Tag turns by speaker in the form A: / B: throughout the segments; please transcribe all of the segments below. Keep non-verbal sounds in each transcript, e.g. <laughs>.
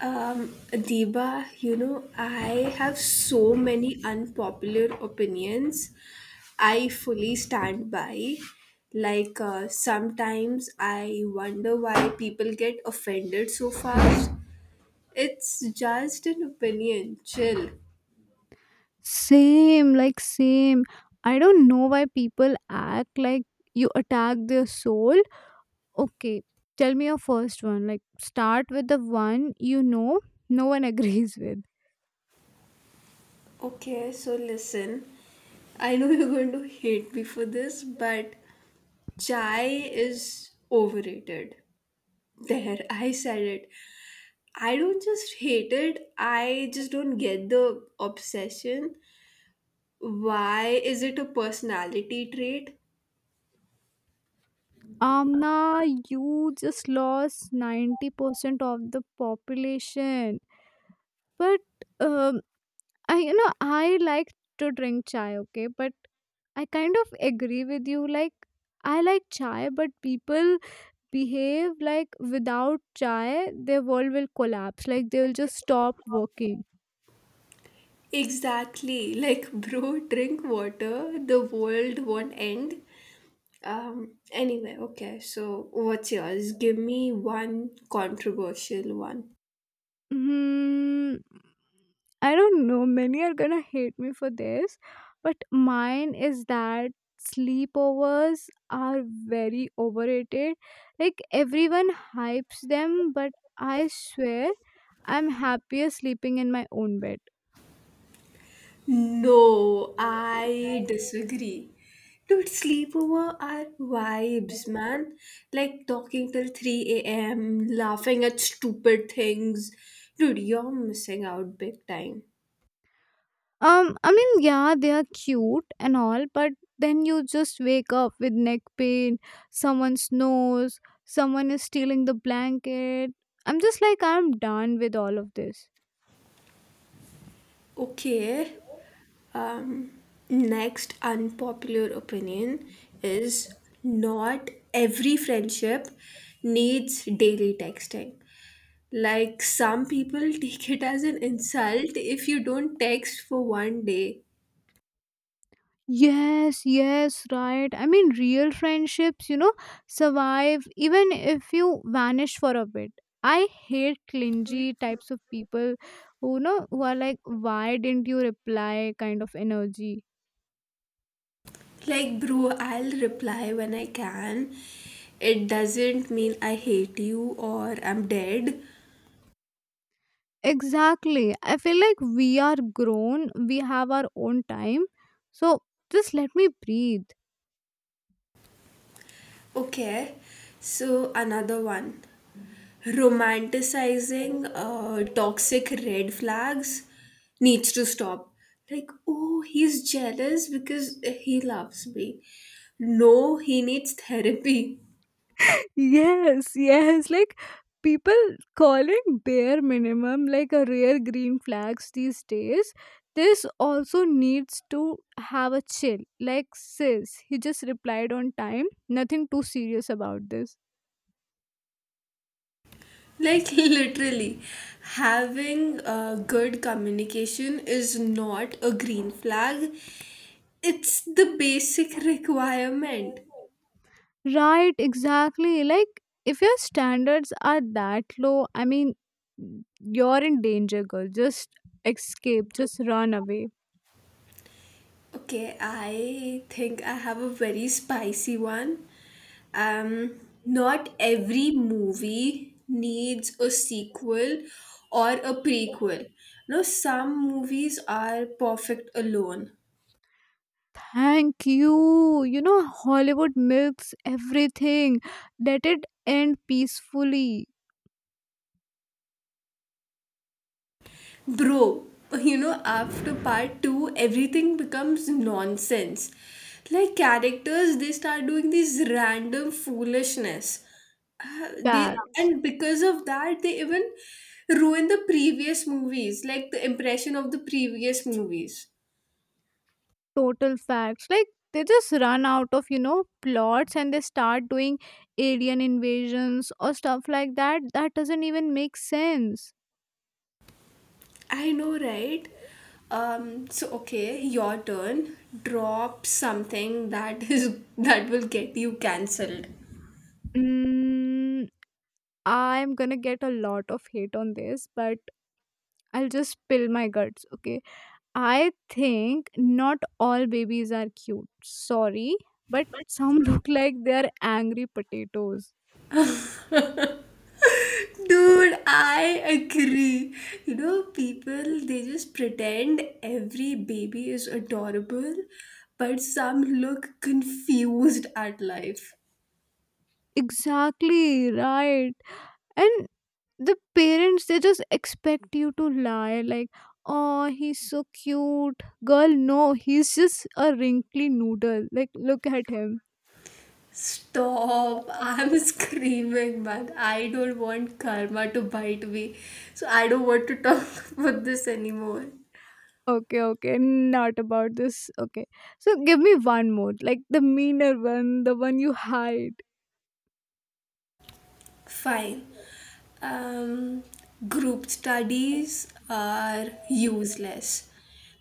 A: Deba, I have so many unpopular opinions I fully stand by. Like, sometimes I wonder why people get offended so fast. It's just an opinion, chill.
B: Same, like same. I don't know why people act like you attack their soul. Okay, tell me your first one. Like start with the one you know no one <laughs> agrees with.
A: Okay, so listen. I know you're going to hate me for this, but chai is overrated. There, I said it. I don't just hate it, I just don't get the obsession. Why is it a personality trait?
B: Amna, you just lost 90% of the population. But um, I you know I like to drink chai, okay? But I kind of agree with you. Like I like chai, but people behave like without chai their world will collapse, like they'll just stop working.
A: Exactly. Like, <laughs> bro, drink water, the world won't end. Anyway, okay, so what's yours? Give me one controversial one.
B: hmm, I don't know, many are gonna hate me for this, but mine is that sleepovers are very overrated. Like everyone hypes them, but I swear I'm happier sleeping in my own bed.
A: No, I disagree. Dude, sleepover are vibes, man. Like talking till 3 a.m., laughing at stupid things. Dude, you're missing out big time.
B: I mean, yeah, they are cute and all, but then you just wake up with neck pain, someone snores, someone is stealing the blanket. I'm just like, I'm done with all of this.
A: Okay, um, next unpopular opinion is not every friendship needs daily texting. Like some people <laughs> take it as an insult if you don't text for one day.
B: Yes, yes, right. I mean, real friendships survive even if you vanish for a bit. I hate clingy types of people who are like, why didn't you reply kind of energy.
A: Like, bro, I'll reply when I can. It doesn't mean I hate you or I'm dead.
B: Exactly. I feel like we are grown, we have our own time. So just let me breathe.
A: Okay, so another one, romanticizing toxic red flags needs to stop. Like, oh, he's jealous because he loves me. No, he needs therapy.
B: Yes, yes. Like people calling bare minimum like a rare green flags these days. This also needs to have a chill. Like sis, he just replied on time. Nothing too serious about this.
A: Like, <laughs> literally, having good communication is not a green flag. It's the basic requirement.
B: Right, exactly. Like if your standards are that low, I mean you're in danger, girl. Just escape, just run away.
A: Okay, I think I have a very spicy one. Not every movie needs a sequel or a prequel. No, some movies are perfect alone.
B: Thank you. You know, Hollywood milks everything. Let it end peacefully.
A: Bro, after part two, everything becomes nonsense. Like characters, they start doing this random foolishness. They
B: Facts,
A: and because of that, they even ruin the previous movies, like the impression of the previous movies.
B: total facts. Like, they just run out of plots and they start doing alien invasions or stuff like that. That doesn't even make sense.
A: I know, right? So, okay, your turn. Drop something that is <laughs> that will get you cancelled.
B: Mm, I'm gonna get a lot of hate on this, but I'll just spill my guts, okay? I think not all babies are cute. Sorry, but some <laughs> look like they're angry potatoes.
A: Dude, I agree. People, they just pretend every baby is adorable, but some look confused at life.
B: Exactly, right. And the parents, they just expect you to lie like, oh, he's so cute. Girl, no, he's just a wrinkly noodle. Like, look at him.
A: Stop. I'm <laughs> screaming, man. I don't want karma to bite me. So I don't want to talk <laughs> about this anymore.
B: Okay, okay, not about this. Okay. So give me one more, like the meaner one, the one you hide.
A: Fine. um, Group studies are useless.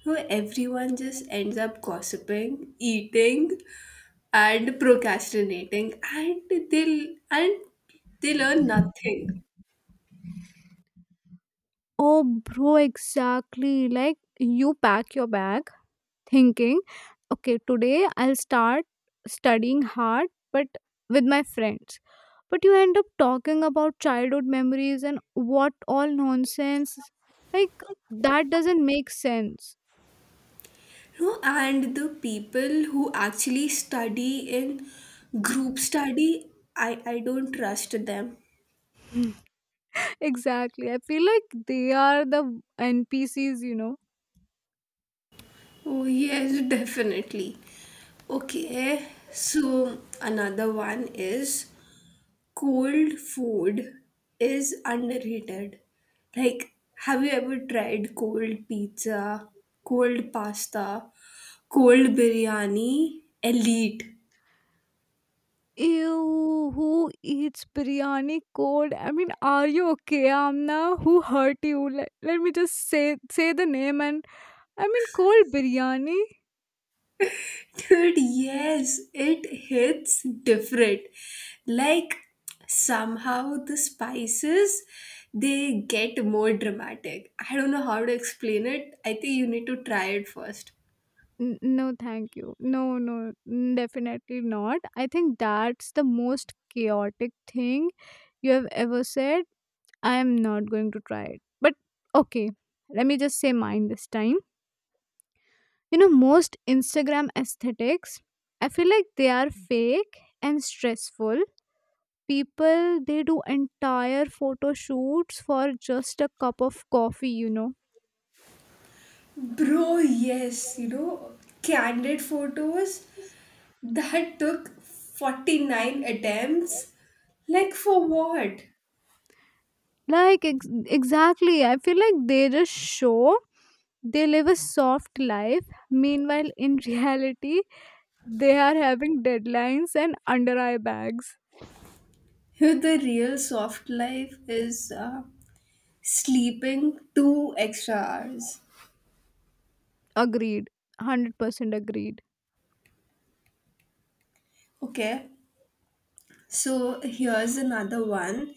A: So everyone just ends up gossiping, eating, and procrastinating, and they learn nothing.
B: Oh, bro, exactly. Like you pack your bag thinking, okay, today I'll start studying hard, but with my friends. But you end up talking about childhood memories and what all nonsense. Like, that doesn't make sense.
A: No, and the people who actually study in group study, I don't trust them.
B: <laughs> Exactly. I feel like they are the N P C's.
A: Oh, yes, definitely. Okay, so another one is cold food is underrated. Like, have you ever tried cold pizza, cold pasta, cold biryani? Elite.
B: Ew, who eats biryani cold? I mean, are you okay, Amna? Who hurt you? Let me just say the name, and I mean, cold biryani?
A: Dude, yes, it hits different. Like, somehow the spices they get more dramatic. I don't know how to explain it. I think you need to try it first.
B: No, thank you. No, no, definitely not. I think that's the most chaotic thing you have ever said. I am not going to try it. But okay, let me just say mine this time. You know, most Instagram aesthetics, I feel like they are fake and stressful. People, they do entire photo shoots for just a cup of coffee.
A: Bro, yes, candid photos that took 49 attempts. Like, for what?
B: Like, exactly, I feel like they just show they live a soft life. Meanwhile, in <laughs> reality, they are having deadlines and under eye bags.
A: Here, the real soft life is sleeping 2 extra hours.
B: Agreed. 100% agreed.
A: Okay, so here's another one.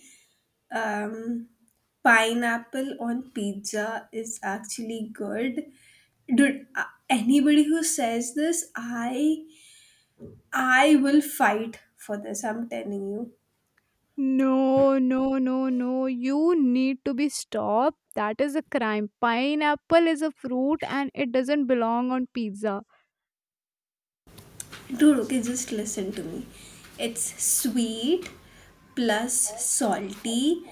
A: Um, Pineapple on pizza is actually good. Dude, anybody who says this, I will fight for this. I'm telling you.
B: No, no, no, no. You need to be stopped. That is a crime. Pineapple is a fruit and it doesn't belong on pizza.
A: Dude, okay, just listen to me. It's sweet plus salty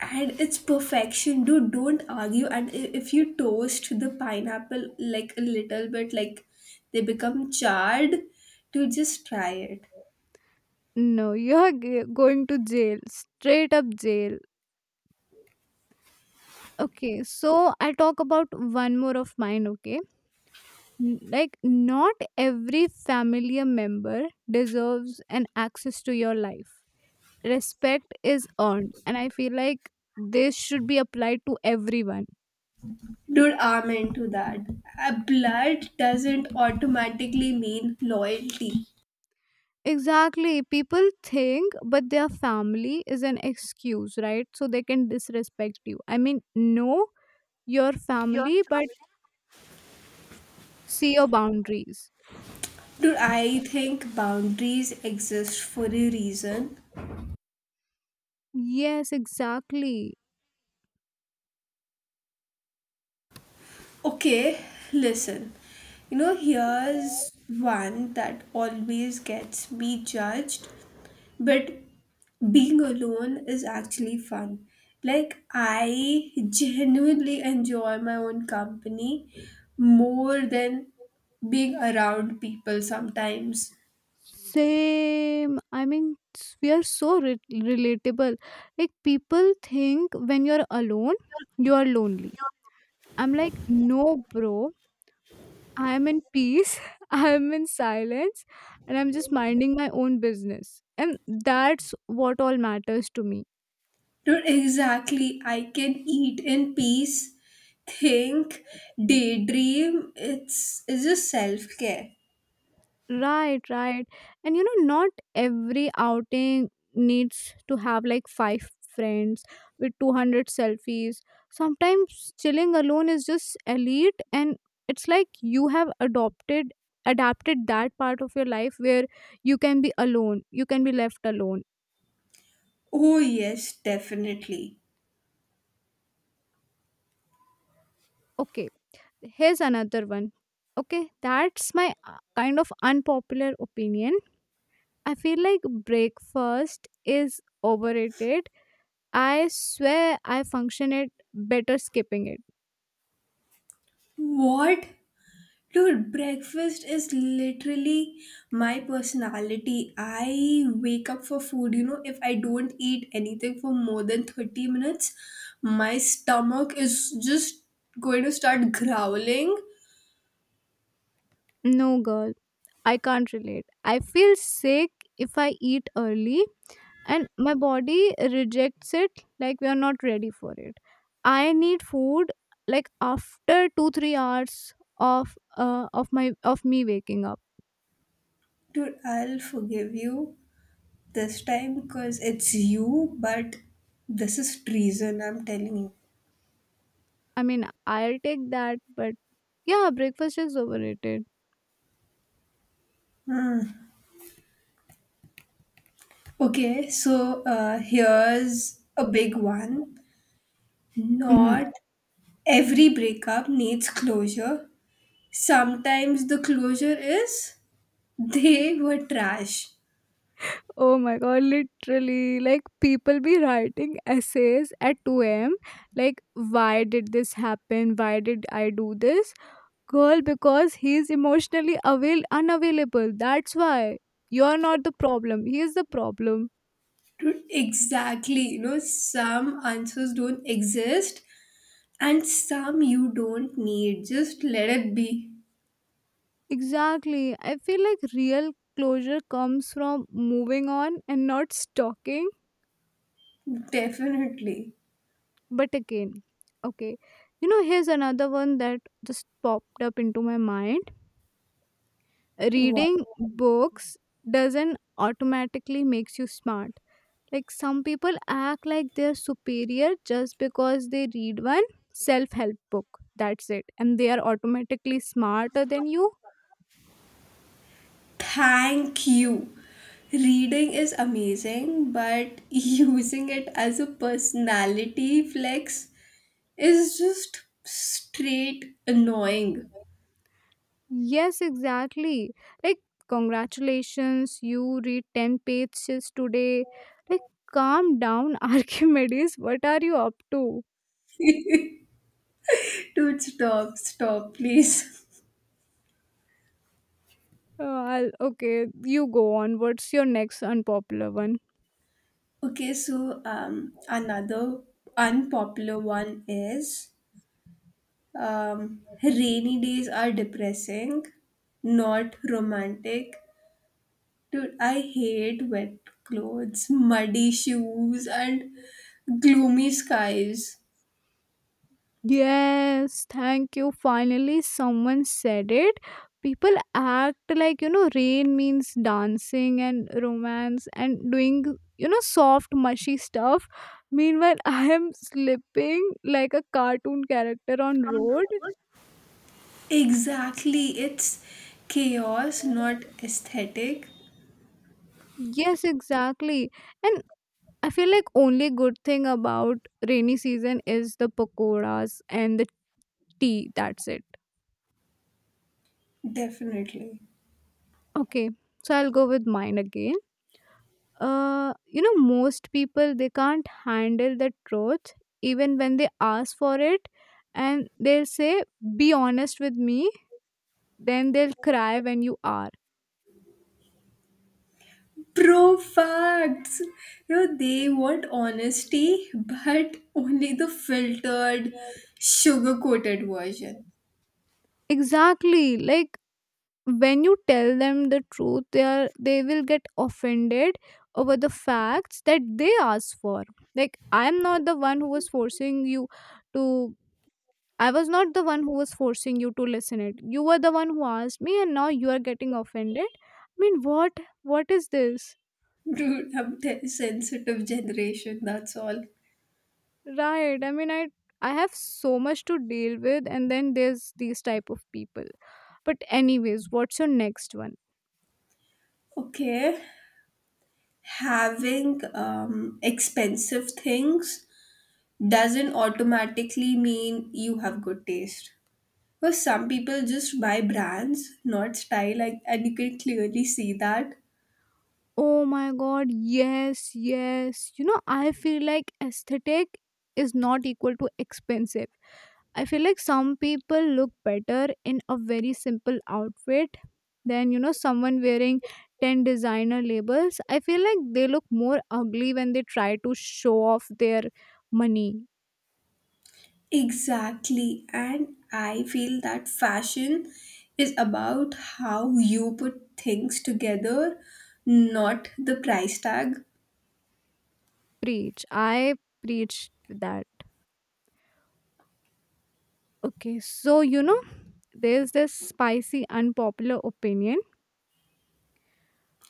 A: and it's perfection. Dude, don't argue. And if you toast the pineapple like a little bit, like they become charred, dude, just try it.
B: No, you are going to jail. Straight up jail. Okay, so I'll talk about one more of mine, okay? Like, not every family member deserves an access to your life. Respect is earned, and I feel like this should be applied to everyone.
A: Dude, I'm into that. Blood doesn't automatically mean loyalty.
B: Exactly. People think, but their family is an excuse, right? So they can disrespect you. I mean, know your family, but see your boundaries.
A: Dude, I think boundaries exist for a reason.
B: Yes, exactly.
A: Okay, listen. Here's one that always gets me judged, but being alone is actually fun. Like, I genuinely enjoy my own company more than being around people sometimes.
B: Same. I mean, we are so relatable. Like, people think when you're alone, you are lonely. I'm like, no, bro. I am in peace, <laughs> I am in silence, and I'm just minding my own business. And that's what all matters to me.
A: Not exactly, I can eat in peace, think, daydream. It's just self care.
B: Right, right. And you know, not every outing needs to have like five friends with 200 selfies. Sometimes chilling alone is just elite, and it's like you have adopted adapted that part of your life where you can be alone, you can be left alone.
A: Oh, yes, definitely.
B: Okay, here's another one. Okay, that's my kind of unpopular opinion. I feel like breakfast is overrated. I swear I function it better skipping it.
A: What? Dude, breakfast is literally my personality. I wake up for food. If I don't eat anything for more than 30 minutes, my stomach is just going to start growling.
B: No, girl, I can't relate. I feel sick if I eat early, and my body rejects it, like we are not ready for it. I need food like after 2 3 hours of uh, of my of me waking up.
A: Dude, I'll forgive you this time because it's you, but this is treason, I'm telling you.
B: I mean, I'll take that, but yeah, breakfast is overrated.
A: Okay, so here's a big one.
B: Mhm.
A: Not
B: <laughs>
A: every breakup needs closure. Sometimes the closure is they were trash.
B: Oh my god, literally. Like, people be writing essays at 2 am. Like, why did this happen? Why did I do this? Girl, because he's emotionally unavailable. That's why. You're not the problem. He is the problem.
A: Dude, exactly. Some answers don't exist, and some you don't need. Just let it be.
B: Exactly. I feel like real closure comes from moving on and not stalking.
A: Definitely.
B: But again, okay, here's another one that just popped up into my mind.
A: What?
B: Reading books doesn't automatically makes you smart. Like some people act like they're superior just because they read one self-help book. That's it. And they are automatically smarter than you.
A: Thank you. Reading is amazing, but <laughs> using it as a personality flex is just straight annoying.
B: Yes, exactly. Like congratulations, you read 10 pages today. Like calm down, <laughs> Archimedes. What are you up to?
A: Dude, stop, stop, please. <laughs>
B: Oh, I'll, okay, you go on. What's your next unpopular one?
A: Okay, so another unpopular one is rainy days are depressing, not romantic. Dude, I hate wet clothes, muddy shoes, and gloomy skies.
B: Yes, thank you. Finally, someone said it. People act like rain means dancing and romance and doing soft, mushy stuff. Meanwhile, <laughs> I am slipping like a cartoon character on road.
A: Exactly, it's chaos, not aesthetic.
B: Yes, exactly. And I feel like only good thing about rainy season is the pakoras and the tea. That's it.
A: Definitely.
B: Okay, so I'll go with mine again. You know, most people they can't handle the truth even when they ask for it, and they'll say, "Be honest with me." Then they'll cry when you are.
A: True facts. They want honesty, but only the filtered, sugar coated version.
B: Exactly, like when you tell them the truth, they will get offended over the facts that they asked for. Like, I'm not the one who was forcing you to — I was not the one who was forcing you to listen it. You were the one who asked me and now you are getting offended. I mean, what is this?
A: Dude, I'm sensitive generation, that's all.
B: Right. I mean, I have so much to deal with, and then there's these type of people. But anyways, what's your next one?
A: Okay. Having expensive things doesn't automatically mean you have good taste. Because some people just buy brands, not style, like, and you can clearly see that.
B: Oh my god, yes, yes. You know, I feel like aesthetic is not equal to expensive. I feel like some people look better in a very simple outfit than someone wearing 10 designer labels. I feel like they look more ugly when they try to show off their money.
A: Exactly. And I feel that fashion is about how you put things together, not the price tag.
B: Preach. I preach that. Okay, so there's this spicy, unpopular opinion.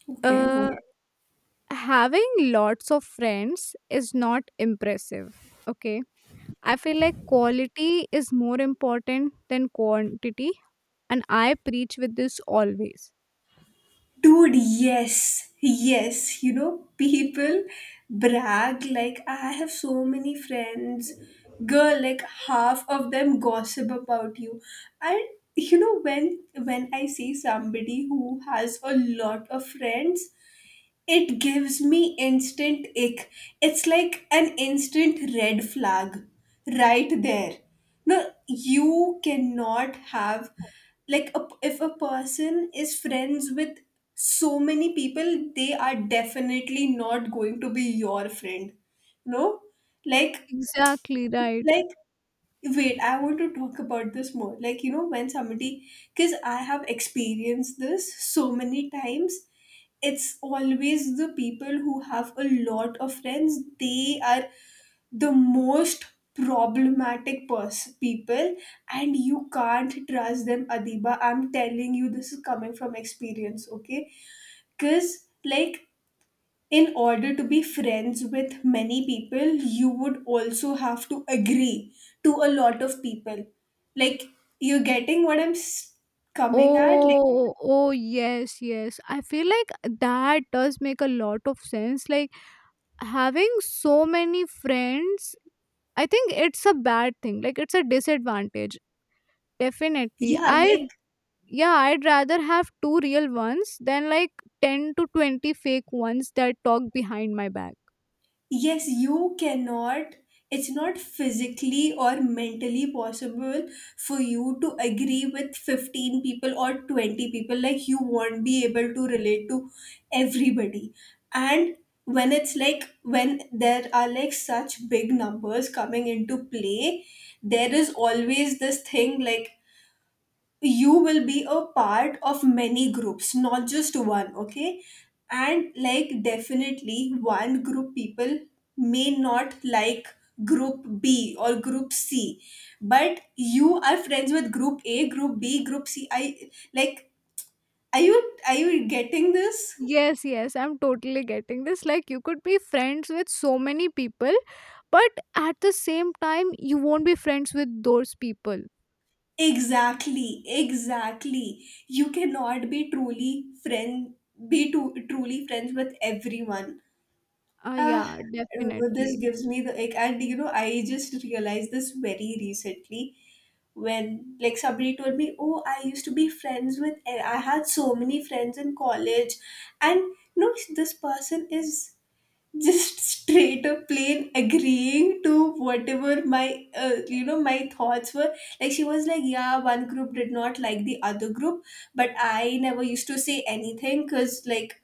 A: Okay.
B: Uh. Having lots of friends is not impressive, okay? I feel like quality is more important than quantity, and I preach with this always.
A: Dude, yes. Yes. People brag like, I have so many friends. Girl, like half of them gossip about you. And when I see somebody who has a lot of friends, it gives me instant ick. It's like an instant red flag right there. No, you cannot have, like, if a person is friends with so many people, they are definitely not going to be your friend. No? Like,
B: Exactly, right.
A: like, wait, I want to talk about this more. Like, when somebody, because I have experienced this so many times, it's always the people who have a lot of friends, they are the most problematic people, and you can't trust them, Adiba. I'm telling you, this is coming from experience, okay? Because, like, in order to be friends with many people, you would also have to agree to a lot of people. Like, you're getting what I'm coming at? Like,
B: Oh, oh, yes, yes, I feel like that does make a lot of sense. Like having so many friends, I think it's a bad thing, like it's a disadvantage, definitely
A: yeah,
B: I.
A: like
B: Yeah, I'd rather have two real ones than like 10 to 20 fake ones that talk behind my back.
A: yes, you cannot, it's not physically or mentally possible for you to agree with 15 people or 20 people. Like, you won't be able to relate to everybody. And when it's like when there are like such big numbers coming into play, there is always this thing, like, you will be a part of many groups, not just one, okay? And like, definitely one group people may not like group B or group C, but you are friends with group A, group B, group C. I, like, are you getting this?
B: Yes, yes, I'm totally getting this. Like you could be friends with so many people, but at the same time you won't be friends with those people.
A: Exactly, exactly. You cannot be truly friends with everyone. Ah,
B: Yeah,
A: this
B: definitely.
A: gives me the ick, and I just realized this very recently when, like, somebody told me, "Oh, I used to be friends with, I had so many friends in college," and this person is just <laughs> straight up plain agreeing to whatever my you know my thoughts were, like she was like, yeah, one group did not like the other group, but I never used to say anything, because like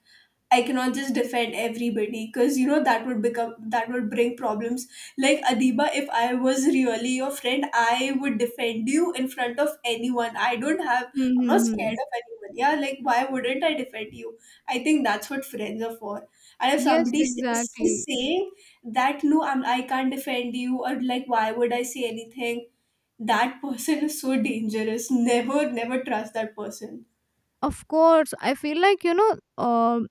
A: I cannot just defend everybody, because that would bring problems. Like Adiba, if I was really your friend, I would defend you in front of anyone. I don't have I'm not
B: Mm-hmm.
A: scared of anyone. Yeah, like why wouldn't I defend you? I think that's what friends are for. And if
B: Yes,
A: somebody is
B: exactly.
A: saying that no, I can't defend you, or like why would I say anything? That person is so dangerous. Never, never trust that person.
B: Of course, I feel like um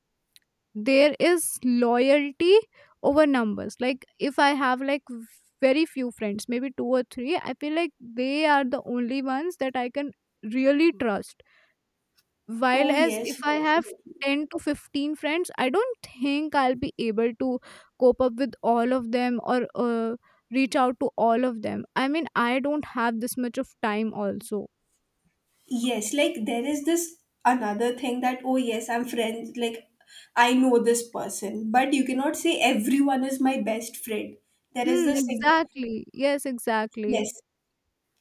B: there is loyalty over numbers. Like if I have like very few friends, maybe two or three, I feel like they are the only ones that I can really trust. While
A: Oh
B: as if
A: yes.
B: I have 10 to 15 friends, I don't think I'll be able to cope up with all of them, or reach out to all of them. I mean, I don't have this much of time also.
A: Yes, like there is this another thing that, oh, yes, I'm friends, like I know this person, but you cannot say everyone is my best friend. There is this,
B: Exactly, yes, exactly.
A: yes,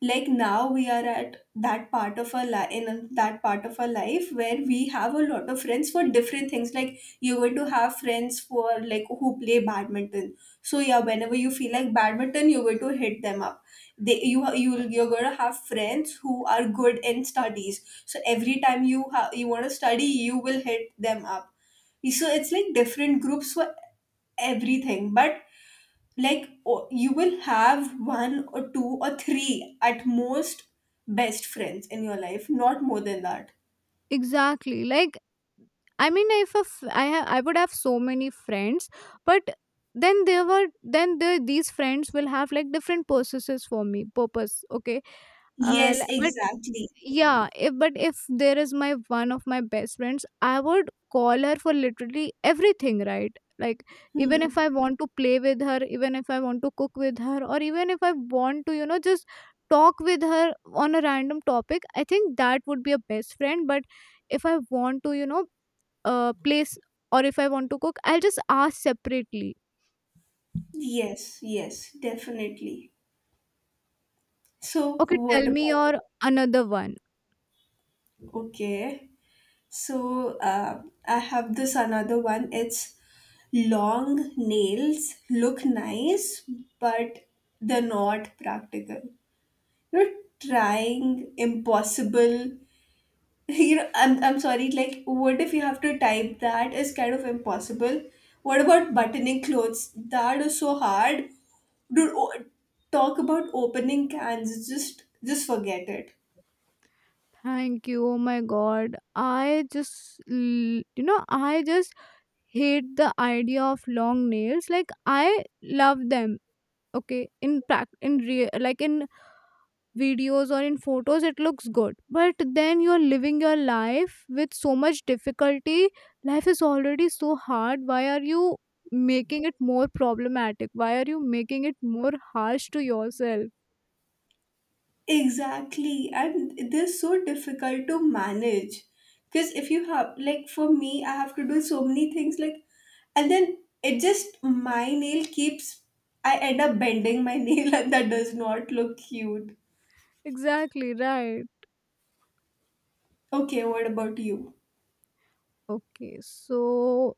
A: like now we are at that part of our life in that part of our life where we have a lot of friends for different things, like you're going to have friends for, like, who play badminton. So yeah, whenever you feel like badminton, you're going to hit them up. They you you you're going to have friends who are good in studies, so every time you want to study, you will hit them up. So it's like different groups for everything, but like you will have one or two or three at most best friends in your life, not more than that.
B: Exactly, like I mean, if I would have so many friends, but then there were then the, these friends will have like different purposes for me. Purpose, okay.
A: Yes,
B: But
A: exactly.
B: yeah, if, but if there is my one of my best friends, I would call her for literally everything, right? Like even if
A: Hmm.
B: I want to play with her, even if I want to cook with her, or even if I want to just talk with her on a random topic, I think that would be a best friend. But if I want to place, or if I want to cook, I'll just ask separately.
A: Yes, yes, definitely. So
B: Okay, tell
A: what
B: me
A: about?
B: your another one.
A: Okay, so I have this another one. It's long nails look nice but they're not practical. You're trying impossible. <laughs> I'm sorry, like what if you have to type? That is kind of impossible. What about buttoning clothes? That is so hard. Dude, talk about opening cans. Just forget it.
B: Thank you. Oh my god. I just hate the idea of long nails. Like I love them. Okay, in real, like in videos or in photos it looks good, but then you're living your life with so much difficulty. Life is already so hard, why are you making it more problematic, why are you making it more harsh to yourself?
A: Exactly, and they're so difficult to manage, because if you have, like, for me, I have to do so many things, like, and then it just, my nail keeps, I end up bending my <laughs> nail, and that does not look cute.
B: Exactly, right.
A: Okay, what about you?
B: Okay, so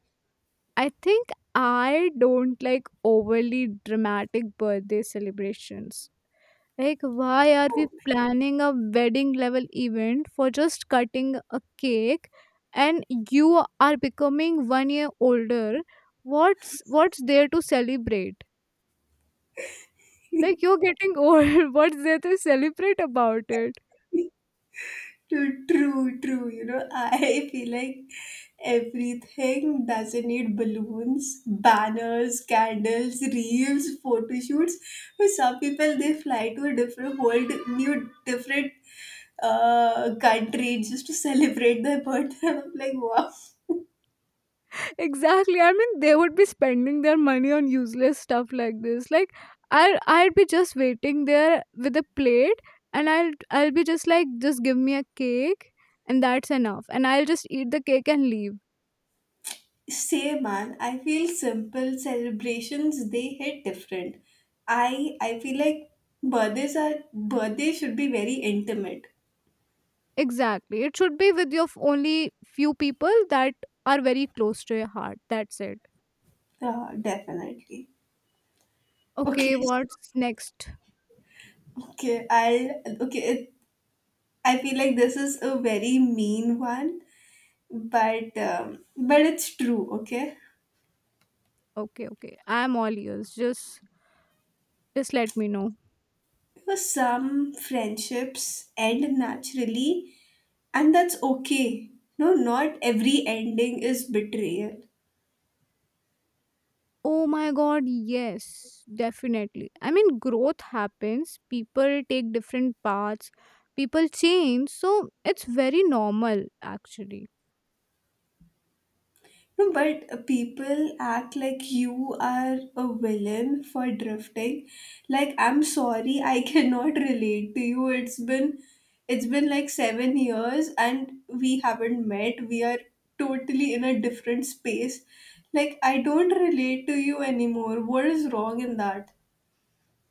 B: I think I don't like overly dramatic birthday celebrations. Like, why are we planning a wedding level event for just cutting a cake and you are becoming 1 year older? What's there to celebrate? Like you're getting old, <laughs> what's there to celebrate about it?
A: True, true, true. I <laughs> feel like everything doesn't need balloons, banners, candles, reels, photo shoots. For some people, they fly to a different world, new, different country just to <laughs> celebrate their birthday. <laughs> I'm like, wow.
B: Exactly. I mean they would be spending their money on useless stuff like this. Like I'd be just waiting there with a plate, and I'll be just like, just give me a cake and that's enough. And I'll just eat the cake and leave.
A: Same man, I feel simple celebrations, they hit different. I feel like birthdays should be very intimate.
B: Exactly. It should be with your only few people that are very close to your heart. That's it.
A: Definitely.
B: Okay,
A: Okay,
B: what's next?
A: okay, I'll okay. I feel like this is a very mean one, but it's true. Okay,
B: Okay, okay. I'm all ears. Just let me know.
A: because some friendships end naturally, and that's okay. No, not every ending is betrayal.
B: Oh my god, yes, definitely. I mean growth happens. People take different paths. People change. So it's very normal actually.
A: No, but people act like you are a villain for drifting. Like I'm sorry, I <laughs> cannot relate to you. It's been like 7 years and we haven't met. We are totally in a different space. Like I don't relate to you anymore. What is wrong in that?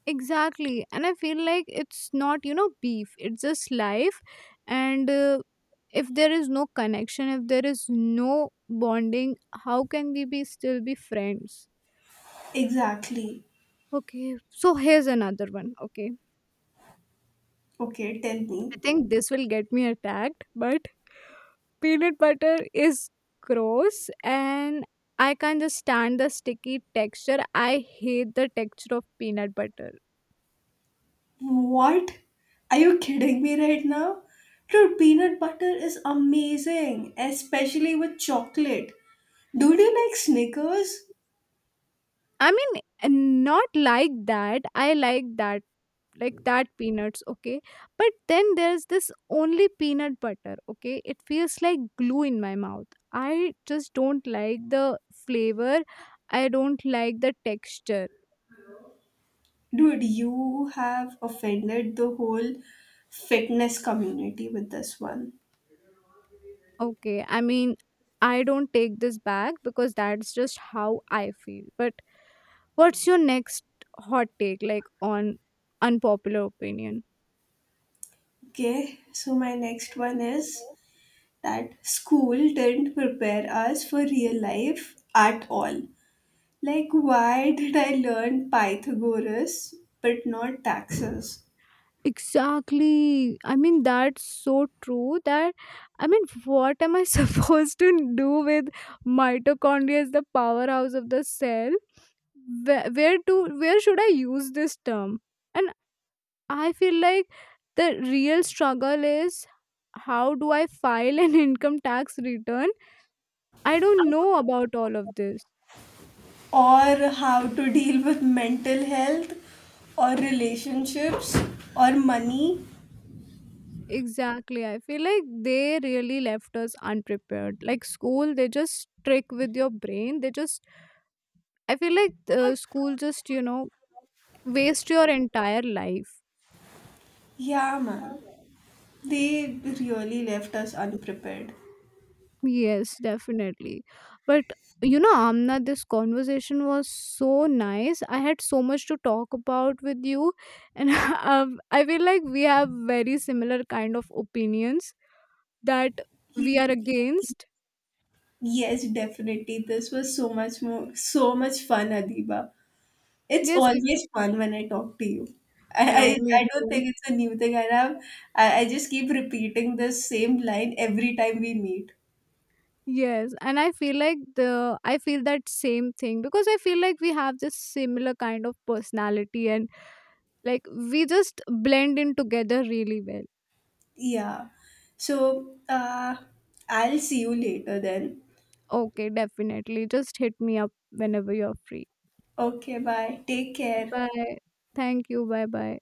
B: Exactly. And I feel like it's not beef. It's just life. And if there is no connection, if there is no bonding, how can we be still be friends?
A: Exactly.
B: Okay. So here's another one. Okay.
A: Okay, tell me.
B: I think this will get me attacked, but peanut butter is gross and I can't just stand the sticky texture. I hate the texture of peanut butter.
A: What? Are you kidding me right now? Dude, peanut butter is amazing, especially with chocolate. Dude, you like Snickers?
B: I mean, not like that. I like that peanuts, okay, but then there's this only peanut butter, okay, it feels like glue in my mouth. I just don't like the flavor, I don't like the texture.
A: Dude, you have offended the whole fitness community with this one.
B: Okay, I mean, I don't take this back because that's just how I feel, but what's your next hot take, like on unpopular opinion?
A: Okay, so my next one is that school didn't prepare us for real life at all. Like, why did I learn Pythagoras but not taxes?
B: Exactly. I mean, that's so true. That, I mean, <laughs> what am I <laughs> supposed to do with mitochondria is the powerhouse of the cell? Where should I use this term? And I feel like the real struggle is, how do I file an <laughs> income tax return? I don't know about all of this.
A: Or how to deal with mental health, or relationships, or money?
B: Exactly. I feel like they really left us unprepared. Like school, they just trick with your brain. They just I feel like school just waste your entire life.
A: Yeah, man. They really left us unprepared.
B: Yes, definitely. But you know, Amna, this conversation was so nice. I had so much to talk about with you, and <laughs> I feel like we have very similar kind of opinions that we are
A: Yes,
B: against.
A: yes, definitely. This was so much more, so much fun, Adiba. It's
B: Yes,
A: always fun when I talk to you. I,
B: yeah,
A: I,
B: me
A: I don't
B: too.
A: think it's a new thing I have. I just keep repeating this same line every time we meet.
B: Yes, and I feel like the I feel that same thing, because I feel like we have this similar kind of personality, and like we just blend in together really well.
A: Yeah. So, I'll see you later then.
B: Okay, definitely. Just hit me up whenever you're free.
A: Okay, bye. Take care.
B: Bye. Thank you. Bye, bye.